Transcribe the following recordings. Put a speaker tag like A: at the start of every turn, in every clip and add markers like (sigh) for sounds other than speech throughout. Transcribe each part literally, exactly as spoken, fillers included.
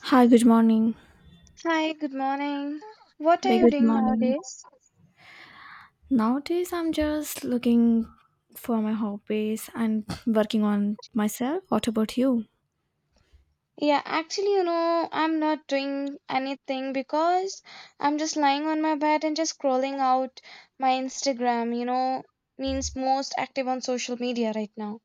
A: Hi, good morning.
B: Hi, good morning. What are
A: Very
B: you
A: good
B: doing
A: morning.
B: nowadays?
A: Nowadays, I'm just looking for my hobbies and working on myself. What about you?
B: Yeah, actually, you know, I'm not doing anything because I'm just lying on my bed and just scrolling out my Instagram, you know, means most active on social media right now.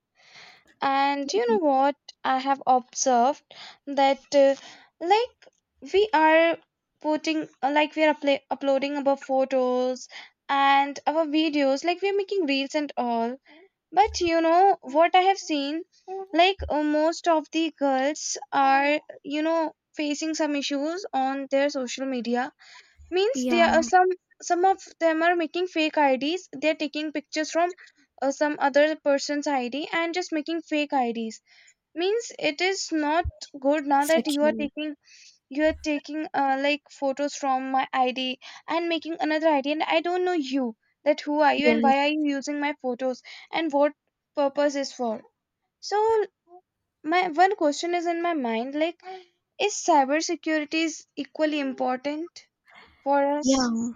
B: And you know what? I have observed that, uh, like, we are putting, uh, like, we are upla- uploading our photos and our videos, like, we are making reels and all. But you know what I have seen? Like, uh, most of the girls are, you know, facing some issues on their social media. Means
A: Yeah,
B: there are some some of them are making fake I Ds. They're taking pictures from uh, some other person's I D and just making fake I Ds. Means it is not good now that you are
A: securely.
B: taking you are taking, uh, like, photos from my id and making another id, and I don't know you, that who are you and
A: Yes.
B: why are you using my photos and what purpose is for. So my one question is in my mind, like, is cybersecurity is equally important for us?
A: Yeah.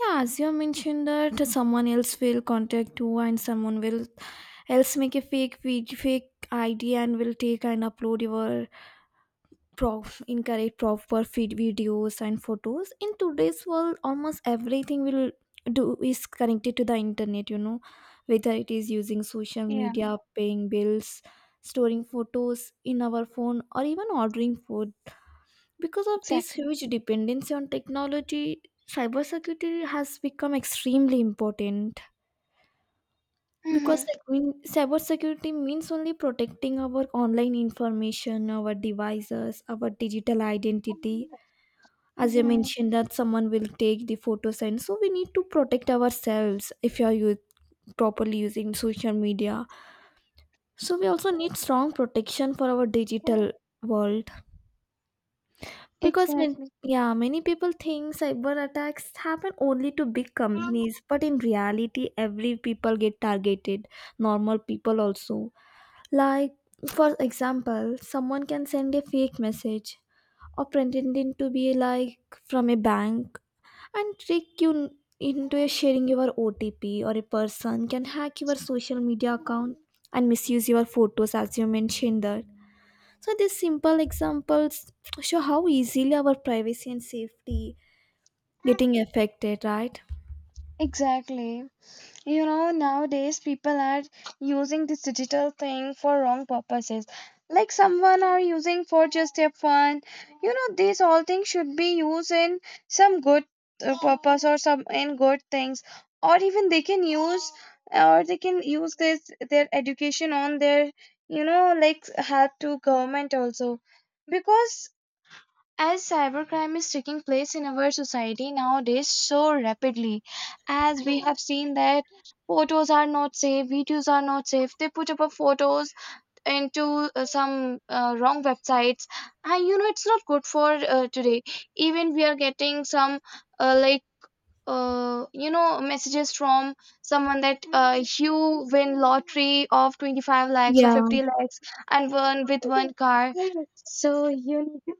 A: Yeah, as you mentioned that someone else will contact you and someone will else make a fake vid- fake I D and will take and upload your pro- incorrect proper feed videos and photos. In today's world almost everything will do is connected to the internet you know Whether it is using social
B: Yeah,
A: media, paying bills, storing photos in our phone, or even ordering food, because of this
B: exactly.
A: huge dependency on technology, cybersecurity has become extremely important, because
B: Hmm.
A: like mean, cybersecurity means only protecting our online information, our devices, our digital identity. As you
B: Yeah,
A: mentioned that someone will take the photos, and so we need to protect ourselves. If you are u- properly using social media, so we also need strong protection for our digital world. Because when,
B: exactly.
A: yeah, many people think cyber attacks happen only to big companies, but in reality every people get targeted, normal people also, like, for example, someone can send a fake message or pretending to be like from a bank and trick you n- into a sharing your O T P, or a person can hack your social media account and misuse your photos, as you mentioned that. So these simple examples show how easily our privacy and safety getting affected, right?
B: Exactly, you know, nowadays people are using this digital thing for wrong purposes, like someone are using for just their fun. You know, these all things should be used in some good, uh, purpose, or some in good things, or even they can use, or they can use this their education on their, you know, like help to government also, because as cybercrime is taking place in our society nowadays so rapidly, as we have seen that photos are not safe, videos are not safe, they put up a photos into uh, some uh, wrong websites, and you know it's not good for uh, today. Even we are getting some, uh, like, uh, you know, messages from someone that, uh, you win lottery of twenty-five lakhs or
A: Yeah.
B: fifty lakhs and won with one car. So you need to,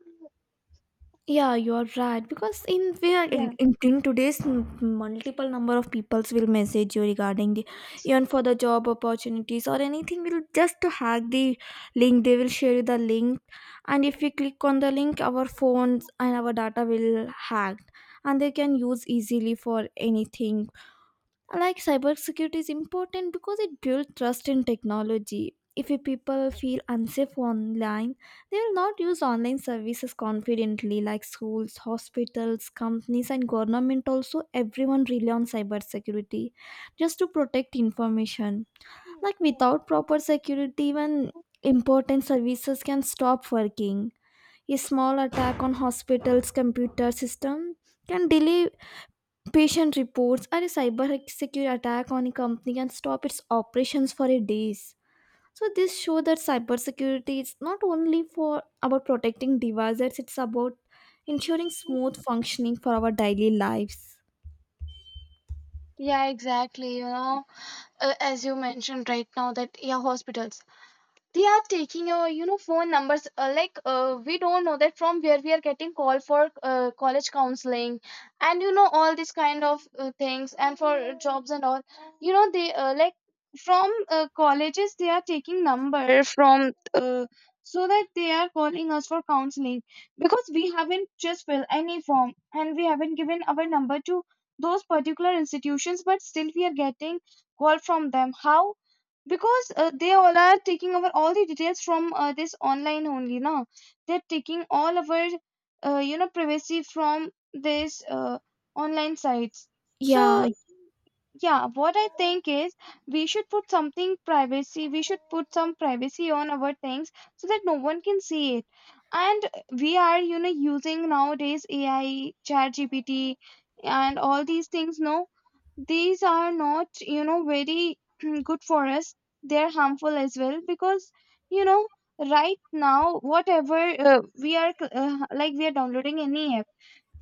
A: Yeah, you're right. Because in we are in,
B: yeah.
A: in in today's m- multiple number of peoples will message you regarding the, even for the job opportunities or anything. Will just to hack the link. They will share you the link, and if we click on the link, our phones and our data will hacked, and they can use easily for anything. Like cybersecurity is important because it builds trust in technology. If a people feel unsafe online, they will not use online services confidently, like schools, hospitals, companies, and government also, everyone rely on cybersecurity just to protect information. Like without proper security even important services can stop working. A small attack on hospitals computer system can delay patient reports, are a cybersecurity attack on a company can stop its operations for a days. So this show that cybersecurity is not only for about protecting devices, it's about ensuring smooth functioning for our daily lives.
B: Yeah, exactly. You know, uh, as you mentioned right now, that yeah, hospitals, they are taking, uh, you know, phone numbers, uh, like, uh, we don't know that from where we are getting call for uh, college counseling, and you know all these kind of uh, things, and for jobs and all. You know, they, uh, like, from uh, colleges, they are taking number from uh, so that they are calling us for counseling, because we haven't just fill any form and we haven't given our number to those particular institutions, but still we are getting call from them. How? Because uh, they all are taking over all the details from uh, this online only. Now they're taking all of our, uh, you know, privacy from this, uh, online sites.
A: Yeah,
B: So yeah, what I think is, we should put something privacy we should put some privacy on our things, so that no one can see it. And we are, you know, using nowadays A I, chat G P T, and all these things, no, these are not, you know, very (clears throat) good for us. They're harmful as well, because, you know, right now whatever, uh, we are, uh, like, we are downloading any app,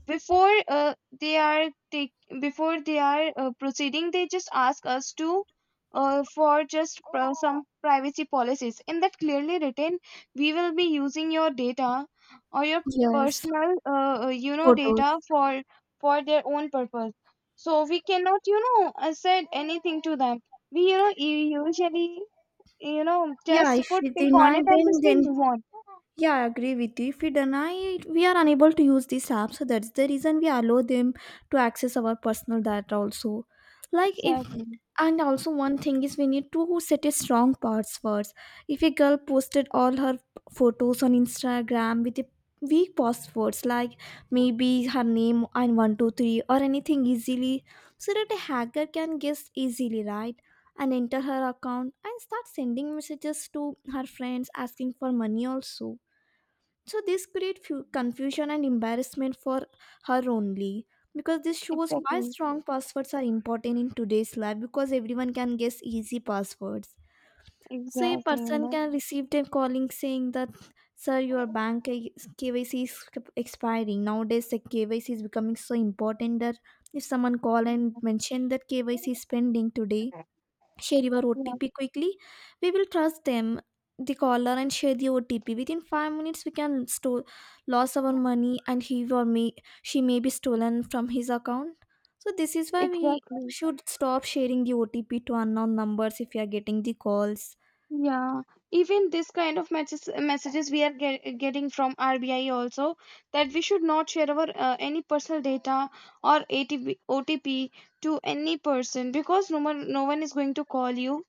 B: before, uh, they are take before they are, uh, proceeding, they just ask us to, uh, for just, uh, some privacy policies, in that clearly written, we will be using your data, or your
A: yes,
B: personal, uh, uh, you know,
A: photos.
B: data for for their own purpose. So we cannot, you know, uh, said anything to them. We, you know, u- usually, you know,
A: Yeah,
B: just
A: if
B: put
A: we
B: tick on
A: deny
B: it, and
A: them,
B: just we
A: then
B: move on.
A: yeah, I agree with you. If we deny it, we are unable to use these apps. So that's the reason we allow them to access our personal data also. Like if,
B: exactly
A: and also one thing is we need to set a strong passwords. If a girl posted all her photos on Instagram with a weak passwords, like maybe her name and one two three or anything easily, so that a hacker can guess easily, right? And enter her account and start sending messages to her friends asking for money also. So this creates confusion and embarrassment for her only, because this shows why
B: exactly
A: strong passwords are important in today's life, because everyone can guess easy passwords. So a
B: exactly, you
A: person
B: know.
A: can receive them calling saying that sir your bank K- KYC is expiring. Nowadays the K Y C is becoming so important that if someone call and mention that K Y C is pending today, share your
B: Yeah.
A: O T P quickly. We will trust them, the caller, and share the O T P. Within five minutes, we can store loss our money, and he or me, she may be stolen from his account. So this is why we
B: Exactly.
A: should stop sharing the O T P to unknown numbers if you are getting the calls.
B: Yeah. Even this kind of matches, messages we are get, getting from R B I also, that we should not share our uh, any personal data or A T P, O T P to any person, because no one no one is going to call you.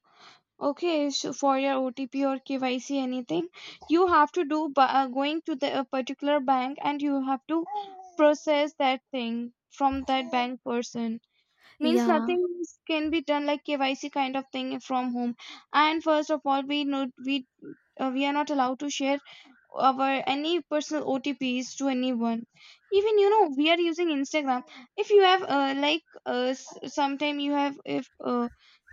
B: Okay, so for your O T P or K Y C anything, you have to do by uh, going to the uh, particular bank, and you have to process that thing from that bank person. Means
A: Yeah,
B: nothing is- can be done like K Y C kind of thing from home. And first of all, we know we uh, we are not allowed to share our any personal O T Ps to anyone. Even you know we are using Instagram. If you have, uh, like, uh, s- sometime you have, if, uh,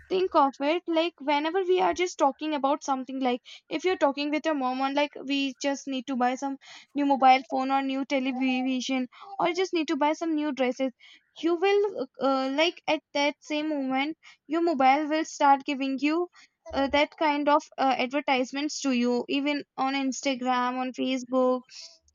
B: think of it, like whenever we are just talking about something, like if you're talking with your mom on, like we just need to buy some new mobile phone, or new television, or just need to buy some new dresses, you will, uh, like, at that same moment your mobile will start giving you, uh, that kind of uh, advertisements to you, even on Instagram, on Facebook,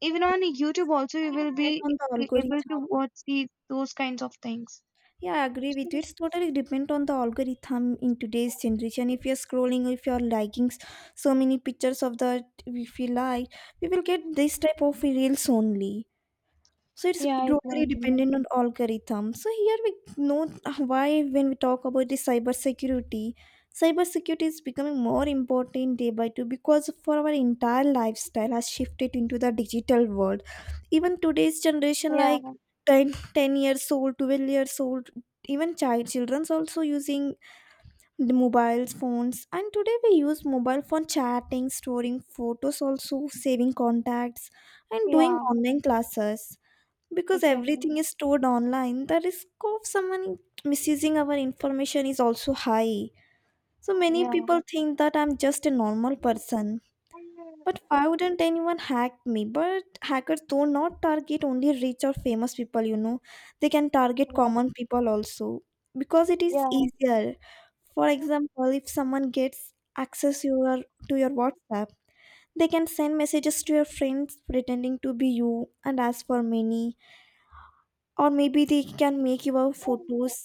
B: even on YouTube also, you
A: it
B: will
A: depends
B: be
A: on the
B: able
A: algorithm.
B: to watch the those kinds of things.
A: Yeah, I agree with you. It's totally depend on the algorithm in today's generation. If you're scrolling, if you're liking s- so many pictures of that, if you like, we will get this type of reels only. So it's
B: Yeah,
A: totally
B: exactly.
A: dependent on algorithm. So here we know why when we talk about the cybersecurity, cybersecurity is becoming more important day by day because for our entire lifestyle has shifted into the digital world. Even today's generation, like
B: yeah
A: ten, ten years old, twelve years old, even child children's also using the mobiles phones, and today we use mobile phone chatting, storing photos, also saving contacts, and doing
B: yeah.
A: online classes. Because
B: Exactly.
A: everything is stored online, the risk of someone misusing our information is also high. So many
B: Yeah.
A: people think that I'm just a normal person, but why wouldn't anyone hack me? But hackers do not target only rich or famous people, you know, they can target
B: Yeah.
A: common people also because it is
B: Yeah.
A: easier. For example, if someone gets access your to your WhatsApp, they can send messages to your friends pretending to be you and as for many, or maybe they can make your photos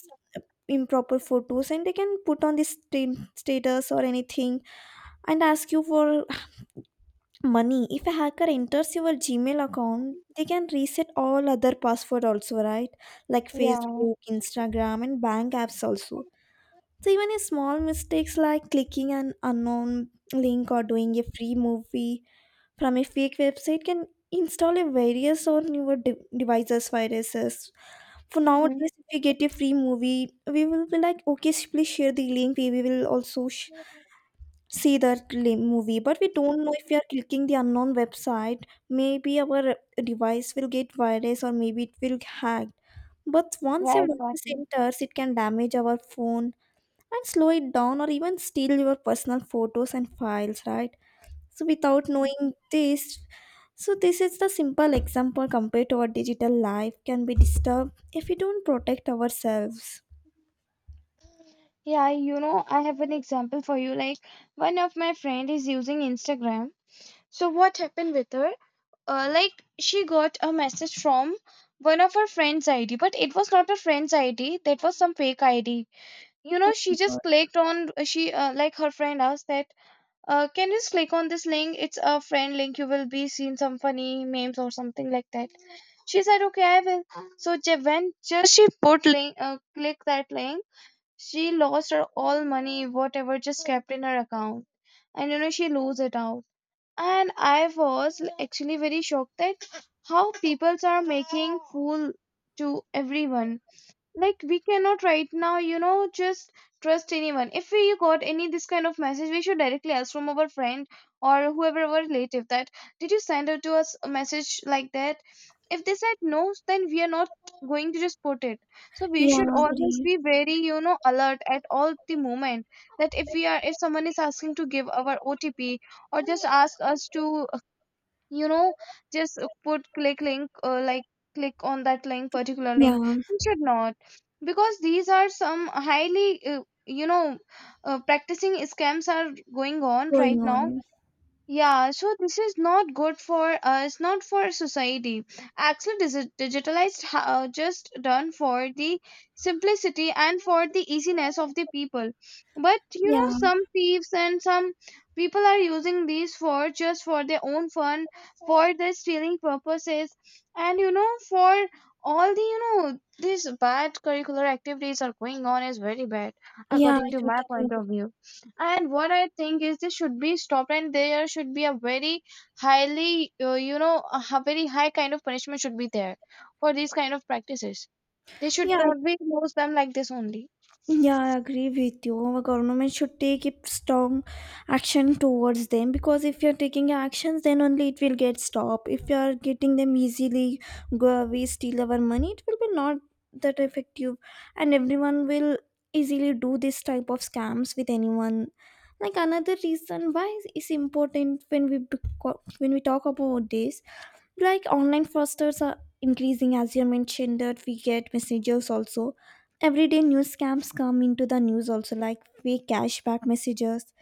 A: improper photos and they can put on this sta- status or anything and ask you for money. If a hacker enters your Gmail account, they can reset all other password also, right? Like
B: Yeah.
A: Facebook, Instagram, and bank apps also. So even a small mistakes like clicking an unknown link or doing a free movie from a fake website can install a various on your de- devices viruses. For
B: Mm-hmm.
A: nowadays, if we get a free movie, we will be like, okay, sh- please share the link. We we will also sh- see that li- movie. But we don't know if we are clicking the unknown website. Maybe our device will get virus or maybe it will hacked. But once
B: Yeah,
A: your virus
B: exactly.
A: enters, it can damage our phone and slow it down or even steal your personal photos and files, right? So without knowing this, so this is the simple example compared to our digital life can be disturbed if we don't protect ourselves.
B: Yeah, you know, I have an example for you. Like, one of my friend is using Instagram. So what happened with her? Uh, like, she got a message from one of her friend's I D, but it was not a friend's I D. That was some fake I D. You
A: Oh
B: know, she
A: my God.
B: just clicked on. She, uh, like, her friend asked that, Uh, can you just click on this link? It's a friend link. You will be seeing some funny memes or something like that. She said, okay, I will. So ju- when just she put link, uh, click that link, she lost her all money, whatever just kept in her account. And you know, she lose it out. And I was l- actually very shocked that how people are making fool to everyone. Like, we cannot right now, you know, just trust anyone. If we got any this kind of message, we should directly ask from our friend or whoever our relative that did you send out to us a message like that? If they said no, then we are not going to just put it. So we should
A: Yeah,
B: always
A: agree.
B: be very, you know, alert at all the moment, that if we are, if someone is asking to give our O T P, or just ask us to, you know, just, uh, put click link, uh, like, click on that link particular link,
A: Yeah,
B: we should not, because these are some highly, uh, you know, uh, practicing scams are going on right
A: going
B: now.
A: on.
B: Yeah, so this is not good for us, not for society. Actually, this is digitalized, uh, just done for the simplicity and for the easiness of the people. But you know,
A: Yeah.
B: some thieves and some people are using these for just for their own fun, for their stealing purposes, and you know, for all the you know, these bad curricular activities are going on is very bad,
A: Yeah, I
B: according to my
A: totally
B: point of
A: agree.
B: view. And what I think is this should be stopped, and there should be a very highly, uh, you know, a h- very high kind of punishment should be there for these kind of practices. They should
A: Yeah.
B: not be close them like this only.
A: Yeah, I agree with you. Our government should take a strong action towards them, because if you're taking actions, then only it will get stopped. If you're getting them easily, go away, steal our money, it will be not that effective, and everyone will easily do this type of scams with anyone. Like another reason why is important when we bec- when we talk about this, like online fraudsters are increasing, as you mentioned that we get messages also. Everyday news scams come into the news also, like fake cashback messages,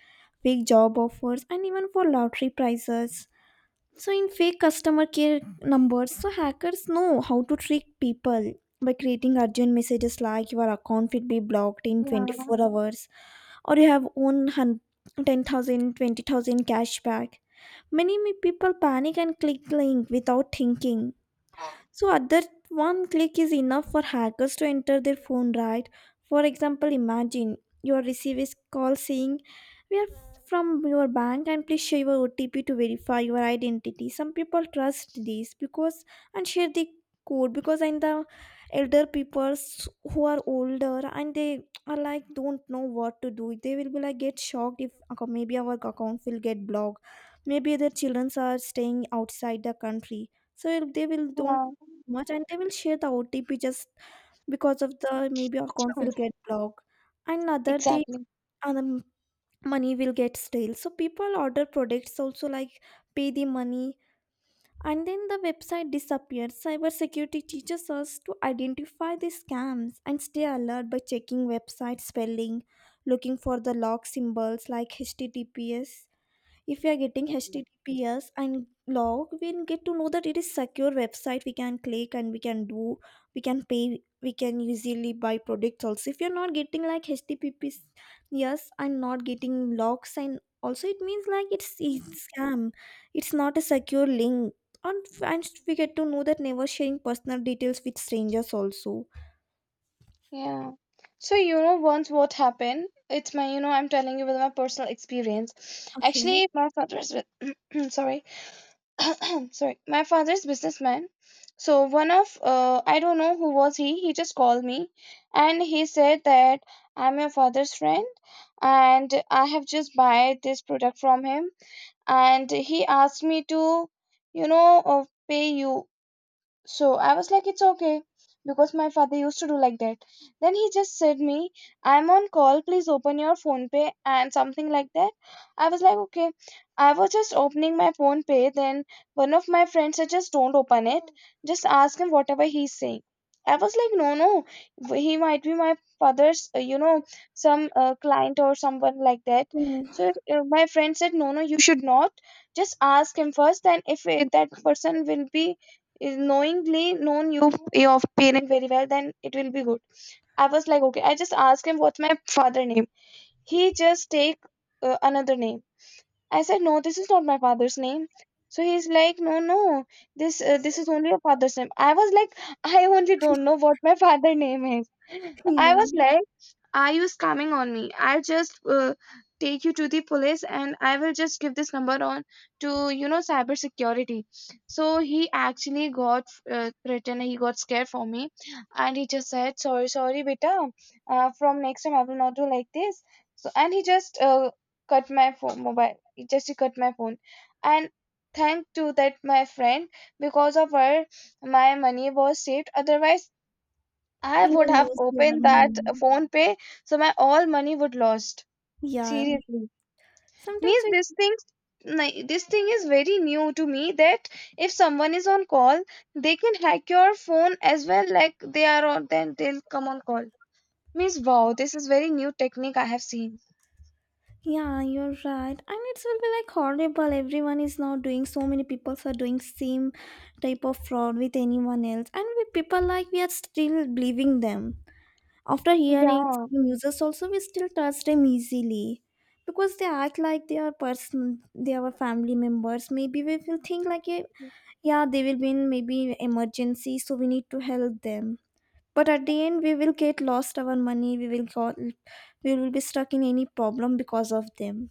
A: fake job offers, and even for lottery prizes, so in fake customer care numbers. So hackers know how to trick people by creating urgent messages like your account will be blocked in twenty-four hours or you have own hun- ten thousand, twenty thousand cashback. Many me- people panic and click link without thinking. So other one click is enough for hackers to enter their phone, right? For example, imagine your receives call saying, "We are from your bank and please share your O T P to verify your identity." Some people trust this because and share the code, because and the elder peoples who are older and they are like don't know what to do. They will be like get shocked if "Okay, maybe our account will get blocked. Maybe their children are staying outside the country, so if they will don't
B: Yeah.
A: much and they will share the O T P just because of the maybe account
B: Hmm.
A: will get blocked and other the
B: Exactly.
A: other money will get stale. So people order products also like pay the money, and then the website disappears. Cybersecurity teaches us to identify the scams and stay alert by checking website spelling, looking for the log symbols like H T T P S. If we are getting https and log, we'll get to know that it is secure website, we can click and we can do, we can pay, we can easily buy products also. If you're not getting like https, yes, and not getting logs and also, it means like it's, it's scam, it's not a secure link, and and we get to know that never sharing personal details with strangers also.
B: Yeah, so you know once what happened, it's my, you know, I'm telling you with my personal experience.
A: Okay.
B: Actually, my father's with (clears throat) sorry, (coughs) (clears throat) sorry, my father's businessman. So one of, uh, I don't know who was he he just called me and he said that I'm your father's friend, and I have just buy this product from him, and he asked me to, you know, uh, pay you. So I was like, it's okay, because my father used to do like that. Then he just said me, I'm on call, please open your phone pay and something like that. I was like, okay. I was just opening my phone pay. Then one of my friends said, just don't open it. Just ask him whatever he's saying. I was like, no, no. He might be my father's, uh, you know, some, uh, client or someone like that.
A: Yeah.
B: So, uh, my friend said, no, no, you should not. Just ask him first. Then if, uh, that person will be is knowingly known you your parent very well, then it will be good. I was like, okay. I just asked him what's my father name. He just take, uh, another name. I said, no, this is not my father's name. So he's like, no, no, this uh, this is only your father's name. I was like, (laughs) I only don't know what my father name is. (laughs) I
A: Yeah,
B: was like, are you scamming on me? I'll just, uh, take you to the police, and I will just give this number on to, you know, cyber security. So he actually got, uh, threatened. He got scared for me, and he just said, sorry, sorry, beta. Uh, from next time, I will not do like this. So, and he just, uh, cut my phone, mobile. He just he cut my phone. And thank to that my friend because of her my money was saved, otherwise I would
A: even
B: have
A: those your
B: opened that
A: money.
B: phone pay, so my all money would lost.
A: Yeah.
B: Seriously,
A: Sometimes
B: means
A: we,
B: this thing, ni- this thing is very new to me. That if someone is on call, they can hack your phone as well. Like they are on, then they'll come on call. Means wow, this is very new technique I have seen.
A: yeah, you're right. And it will be like horrible. Everyone is now doing, so many people are doing same type of fraud with anyone else. And we people like we are still believing them. After hearing
B: Yeah.
A: some users also we still trust them easily. Because they act like they are person, they are family members. Maybe we will think like eh, yeah, they will be in maybe emergency, so we need to help them. But at the end we will get lost our money, we will got we will be stuck in any problem because of them.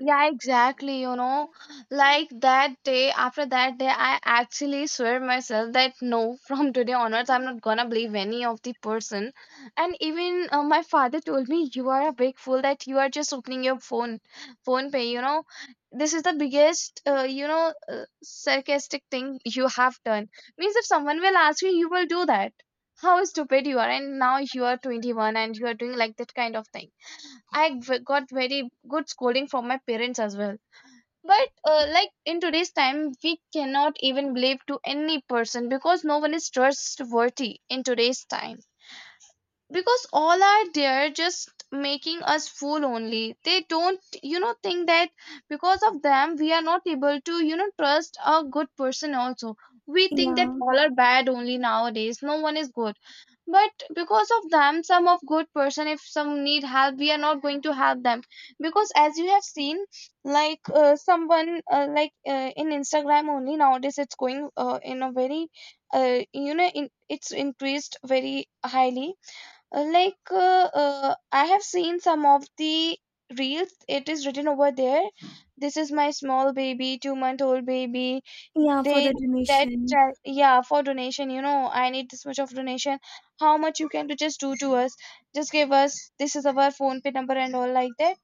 B: Yeah, exactly. You know, like that day, after that day, I actually swear myself that no, (laughs) from today onwards, I'm not gonna believe any of the person. And even uh, my father told me, you are a big fool that you are just opening your phone, phone pay. You know, this is the biggest, uh, you know, uh, sarcastic thing you have done. Means if someone will ask you, you will do that. How stupid you are, and now you are twenty-one and you are doing like that kind of thing. I v- got very good scolding from my parents as well. But uh, like in today's time, we cannot even believe to any person because no one is trustworthy in today's time. Because all are there just making us fool only. They don't, you know, think that because of them we are not able to, you know, trust a good person also. We think that
A: Yeah,
B: all are bad only nowadays. No one is good, but because of them, some of good person, if some need help, we are not going to help them, because as you have seen, like uh, someone, uh, like uh, in Instagram only nowadays it's going, uh, in a very, uh, you know in, it's increased very highly. uh, like uh, uh, I have seen some of the reels, it is written over there, this is my small baby, two month old baby.
A: yeah, for
B: They
A: the
B: That
A: donation.
B: child, yeah, for donation, you know, I need this much of donation. How much you can to just do to us, just give us, this is our phone pay number and all like that.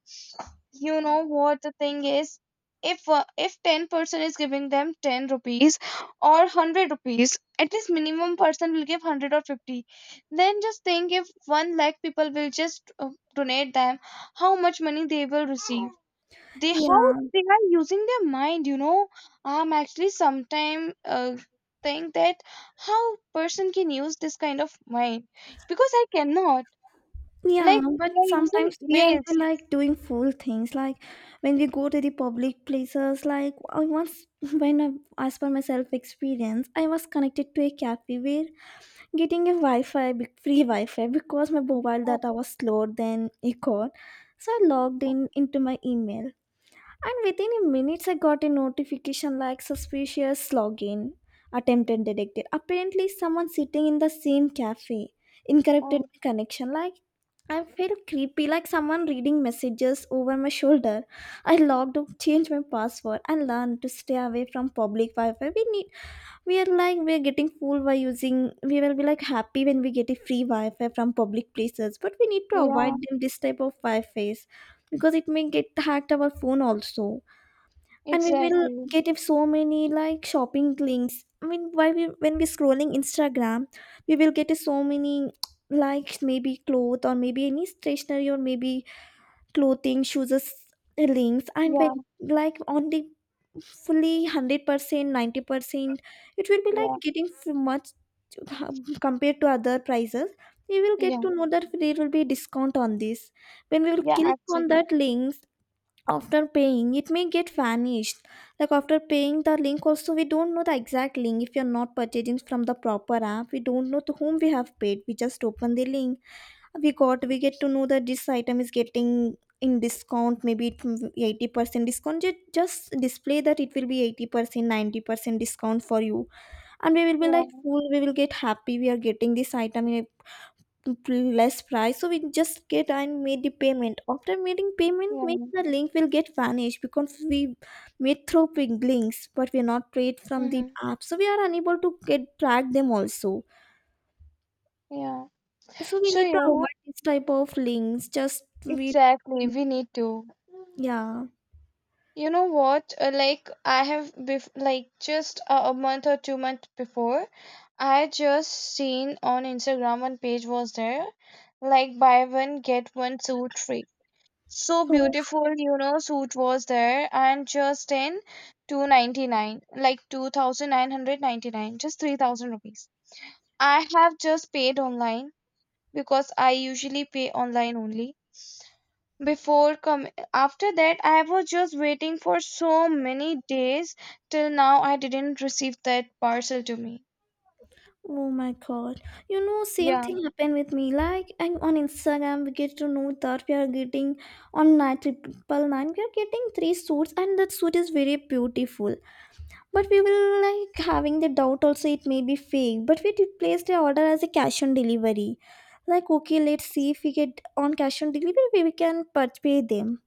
B: You know what the thing is, if uh, if ten person is giving them ten rupees or one hundred rupees, at least minimum person will give one hundred or fifty. Then just think, if one lakh people will just uh, donate them, how much money they will receive. They How
A: Yeah,
B: they are using their mind you know I'm actually sometime uh, think that how person can use this kind of mind, because I cannot,
A: yeah,
B: like they
A: but
B: are using
A: sometimes we are we
B: ways.
A: like doing fool things. Like when we go to the public places, like I once, (laughs) when I, as per my self experience, I was connected to a cafe where getting a Wi Fi, free Wi Fi, because my mobile
B: Oh,
A: data was slower than a cord. So I logged
B: oh,
A: in into my email. And within a minutes, I got a notification like suspicious login, attempted detected. Apparently, someone sitting in the same cafe interrupted
B: oh.
A: my connection. Like, I felt creepy, like someone reading messages over my shoulder. I logged out, changed my password, and learned to stay away from public Wi-Fi. We need, we are like, we are getting fooled by using. We will be like happy when we get a free Wi-Fi from public places, but we need to avoid
B: Yeah.
A: them this type of Wi-Fi's because it may get hacked our phone also. And we will
B: Exactly.
A: get if so many like shopping links, I mean why we when we scrolling Instagram we will get so many, like maybe cloth or maybe any stationery or maybe clothing shoes links. And when
B: Yeah,
A: like on the fully one hundred percent, ninety percent it will be like
B: yeah,
A: getting so much um, compared to other prices. We will get
B: yeah,
A: to know that there will be discount on this when we will
B: yeah,
A: click on
B: absolutely.
A: that links. After paying it may get vanished. Like after paying the link also we don't know the exact link. If you're not purchasing from the proper app we don't know to whom we have paid. We just open the link, we got we get to know that this item is getting in discount. Maybe it will eighty percent discount. Ju- just display that it will be eighty percent, ninety percent discount for you. And we will be like
B: Yeah,
A: full, we will get happy we are getting this item, pr- less price. So we just get and made the payment. After making payment
B: yeah,
A: maybe the link will get vanished because we made through ping- links. But we are not paid
B: yeah.
A: from the
B: Mm-hmm.
A: app so we are unable to get track them also.
B: Yeah.
A: So we
B: So,
A: need
B: you
A: to
B: know,
A: avoid this type of links, just we,
B: exactly, we need to.
A: yeah.
B: You know what? Uh, like, I have, bef- like, just a, a month or two months before, I just seen on Instagram one page was there, like, buy one, get one suit free. So
A: Oh.
B: beautiful, you know, suit was there, and just in two ninety-nine, like two thousand nine hundred ninety-nine, just three thousand rupees I have just paid online, because I usually pay online only. Before com- after that I was just waiting for so many days, till now I didn't receive that parcel to me.
A: Oh my god. You know, same
B: Yeah,
A: thing happened with me. Like and on Instagram we get to know that we are getting on nine triple nine we are getting three suits, and that suit is very beautiful. But we will like having the doubt also, it may be fake. But we did place the order as a cash on delivery. Like okay, let's see if we get on cash on delivery, we we can purchase them.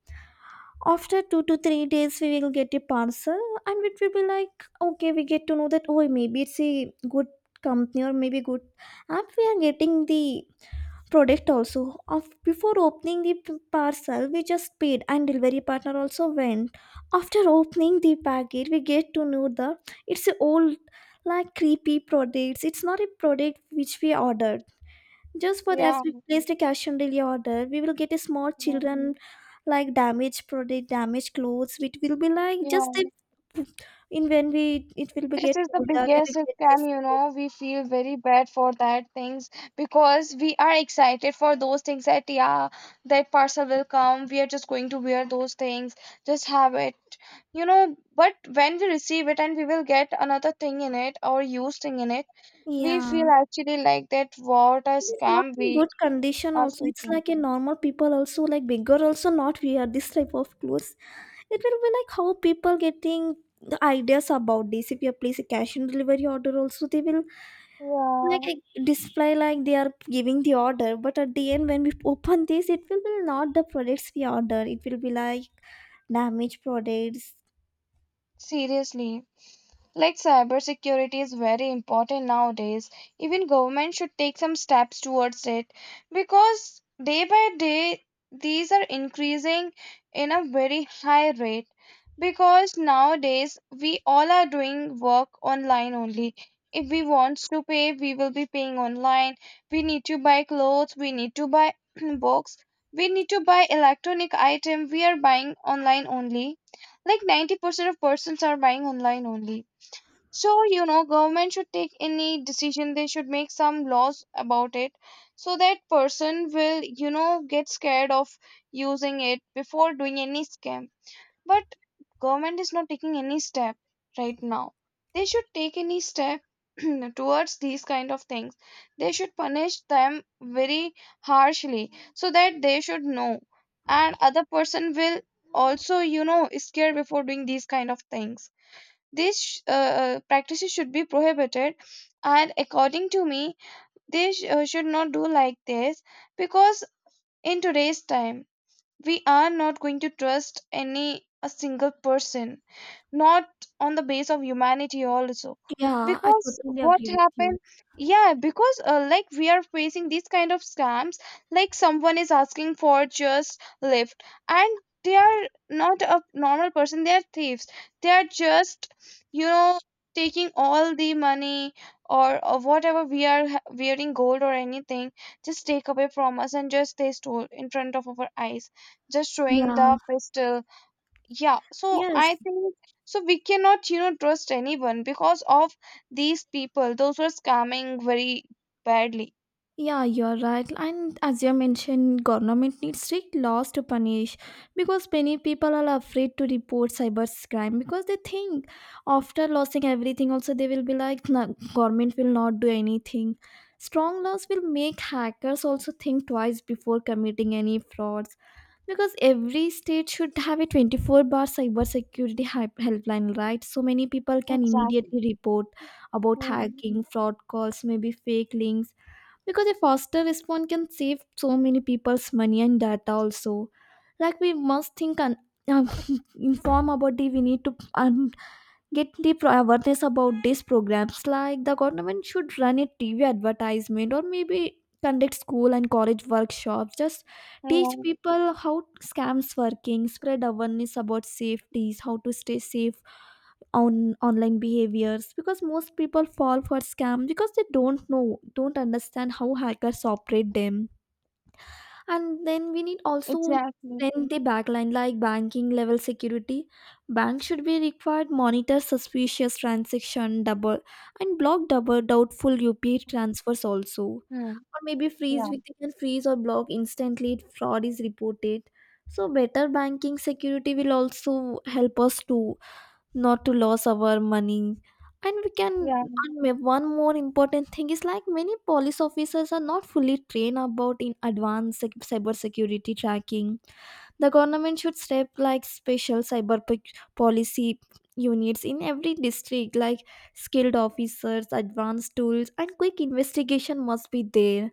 A: After two to three days, we will get a parcel, and it will be like okay, we get to know that oh maybe it's a good company or maybe good app. We are getting the product also of before opening the p- parcel we just paid, and delivery partner also went. After opening the packet we get to know the it's a old like creepy products. It's not a product which we ordered. Just for that
B: yeah,
A: we placed a cash on delivery order, we will get a small
B: yeah.
A: children, like damaged product damaged clothes, which will be like just a,
B: Yeah.
A: in when we, it will be
B: This
A: get
B: is the
A: older we
B: biggest
A: will get just,
B: scam, you know. We feel very bad for that things, because we are excited for those things, that yeah, that parcel will come. We are just going to wear those things, just have it. you know but when we receive it and we will get another thing in it or use thing in it, we
A: yeah.
B: feel actually like that, what a
A: It is not
B: scam we
A: in good condition
B: are
A: also. It's
B: facing.
A: like a normal people also like bigger also not wear this type of clothes. It will be like how people getting the ideas about this. If you place a cash and delivery order also they will like
B: Yeah,
A: a display like they are giving the order. But at the end when we open this it will be not the products we order. It will be like damaged products.
B: seriously. Like cybersecurity is very important nowadays. Even government should take some steps towards it, because day by day these are increasing in a very high rate, because nowadays we all are doing work online only. If we want to pay, we will be paying online. We need to buy clothes, we need to buy (clears throat) books, we need to buy electronic item. We are buying online only. Like ninety percent of persons are buying online only, so you know government should take any decision, they should make some laws about it, so that person will, you know get scared of using it before doing any scam. But government is not taking any step right now. They should take any step (clears throat) towards these kind of things. They should punish them very harshly, so that they should know, and other person will also, you know scared before doing these kind of things. these sh- uh, uh, Practices should be prohibited. And according to me, they sh- uh, should not do like this, because in today's time we are not going to trust any a single person, not on the base of humanity also.
A: Yeah, I
B: Because
A: totally
B: what
A: agree with you.
B: happened, yeah, because uh, like we are facing these kind of scams, like someone is asking for just lift and they are not a normal person, they are thieves. They are just, you know taking all the money, or, or whatever we are ha- wearing, gold or anything, just take away from us, and just they stole in front of our eyes, just showing
A: Yeah.
B: the pistol. Yeah, so I
A: Yes.
B: think, so we cannot, you know trust anyone because of these people, those are scamming very badly.
A: Yeah, you're right. And as you mentioned, government needs strict laws to punish, because many people are afraid to report cyber crime because they think after losing everything, also they will be like, "No, government will not do anything." Strong laws will make hackers also think twice before committing any frauds, because every state should have a twenty-four bar cyber security hy- helpline, right? So many people can
B: Exactly.
A: immediately report about
B: Mhm.
A: hacking, fraud calls, maybe fake links, because a faster response can save so many people's money and data also. Like we must think and um, (laughs) inform about the, we need to um, get the pro- awareness about these programs. Like the government should run a TV advertisement, or maybe conduct school and college workshops, just teach
B: Yeah,
A: people how scams working, spread awareness about safeties, how to stay safe on online behaviors, because most people fall for scam because they don't know don't understand how hackers operate them. And then we need also
B: exactly.
A: strengthen the backline, like banking level security. Banks should be required monitor suspicious transaction double and block double doubtful U P I transfers also.
B: Hmm.
A: Or maybe freeze,
B: Yeah.
A: we can freeze or block instantly if fraud is reported. So better banking security will also help us to not to lose our money. And we can,
B: Yeah.
A: and ma- one more important thing is, like many police officers are not fully trained about in advanced sec- cyber security tracking. The government should step like special cyber p- policy units in every district, like skilled officers, advanced tools and quick investigation must be there.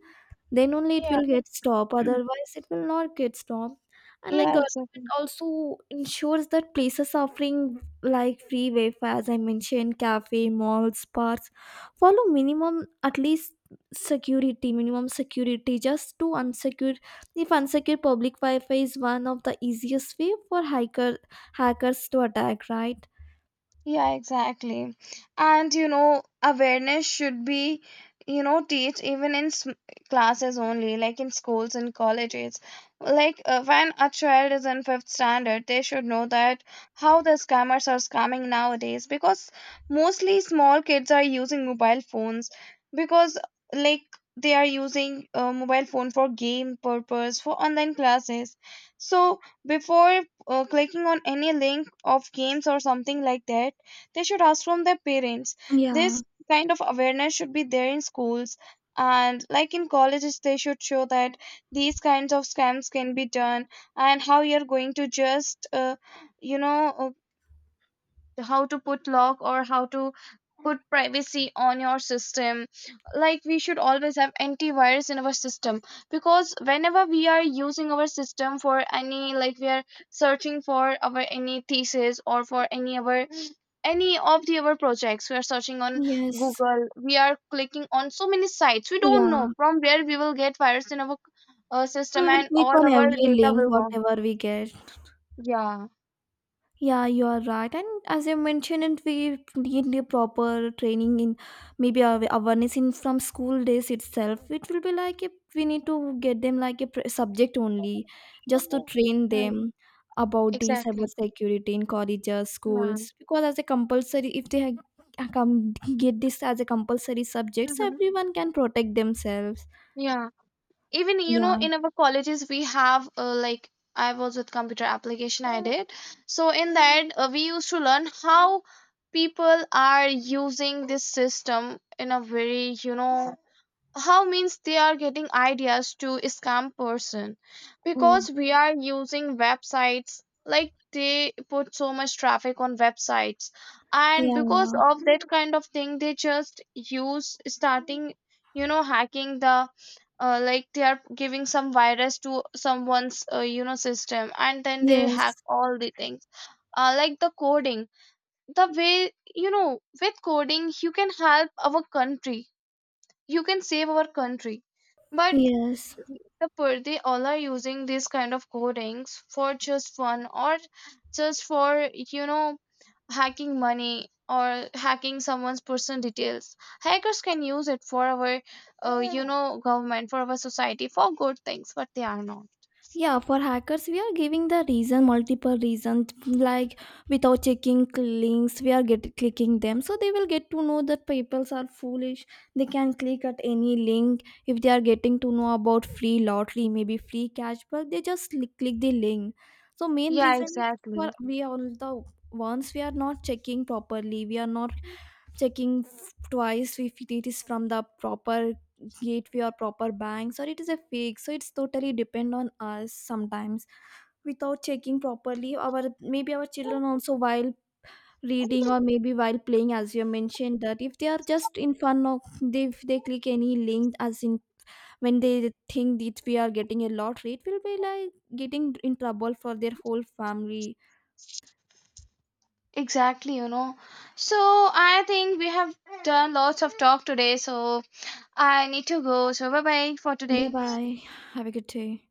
A: Then only it
B: Yeah.
A: will get stopped,
B: (clears throat)
A: otherwise it will not get stopped. And like
B: Yeah,
A: government
B: exactly.
A: also ensures that places offering like free Wi-Fi, as I mentioned, cafe, malls, parks, follow minimum at least security, minimum security just to unsecure. If unsecure public Wi-Fi is one of the easiest way for hacker hackers to attack, right?
B: Yeah, exactly. And you know, awareness should be, you know, teach even in s- classes only, like in schools and colleges. Like uh, when a child is in fifth standard, they should know that how the scammers are scamming nowadays, because mostly small kids are using mobile phones, because, like, they are using a mobile phone for game purpose, for online classes. So before uh, clicking on any link of games or something like that, they should ask from their parents.
A: Yeah.
B: This kind of awareness should be there in schools. And like in colleges, they should show that these kinds of scams can be done, and how you're going to just, uh, you know, uh, the how to put lock or how to put privacy on your system. Like we should always have antivirus in our system, because whenever we are using our system for any, like we are searching for our any thesis or for any our any of the our projects, we are searching on
A: Yes.
B: Google, we are clicking on so many sites, we don't know
A: Yeah.
B: from where we will get virus in our uh,
A: So
B: system,
A: we will
B: and
A: click on
B: all our
A: every
B: data
A: link
B: will go.
A: whatever we get.
B: Yeah.
A: Yeah, you are right. And as you mentioned, and we need a proper training in maybe awa- awareness in from school days itself. It will be like if we need to get them like a pr- subject only, just to train
B: Mm,
A: them about the cyber
B: exactly.
A: security in colleges,
B: Yeah.
A: schools. Because as a compulsory, if they ha- come get this as a compulsory subject, so
B: Mm-hmm.
A: everyone can protect themselves.
B: Yeah, even you know,
A: Yeah.
B: in our colleges, we have, uh, like I was with computer application, I did. So, in that, uh, we used to learn how people are using this system in a very, you know, how means they are getting ideas to scam person,
A: Oh.
B: because we are using websites, like they put so much traffic on websites, and
A: Yeah.
B: because
A: Yeah.
B: of that kind of thing they just use starting, you know hacking the, uh, like they are giving some virus to someone's, uh, you know, system, and then they
A: Yes.
B: hack all the things, uh, like the coding. The way you know with coding you can help our country, you can save our country, but
A: Yes.
B: the per- they all are using these kind of codings for just fun, or just for, you know hacking money, or hacking someone's personal details. Hackers can use it for our, uh, you know government, for our society, for good things, but they are not.
A: Yeah, for hackers we are giving the reason, multiple reasons, like without checking links we are get clicking them, so they will get to know that people are foolish. They can click at any link if they are getting to know about free lottery, maybe free cashback. They just li- click the link. So main
B: Yeah,
A: reason is for
B: exactly.
A: we all, the ones, we are not checking properly, we are not checking f- twice if it is from the proper gateway or proper banks or it is a fake. So it's totally depend on us sometimes, without checking properly, our maybe our children also while reading or maybe while playing, as you mentioned that if they are just in fun of, they if they click any link as in when they think that we are getting a lottery, it will be like getting in trouble for their whole family.
B: Exactly you know so I think we have done lots of talk today, so I need to go, so bye bye for
A: Bye
B: today.
A: bye. Have a good day.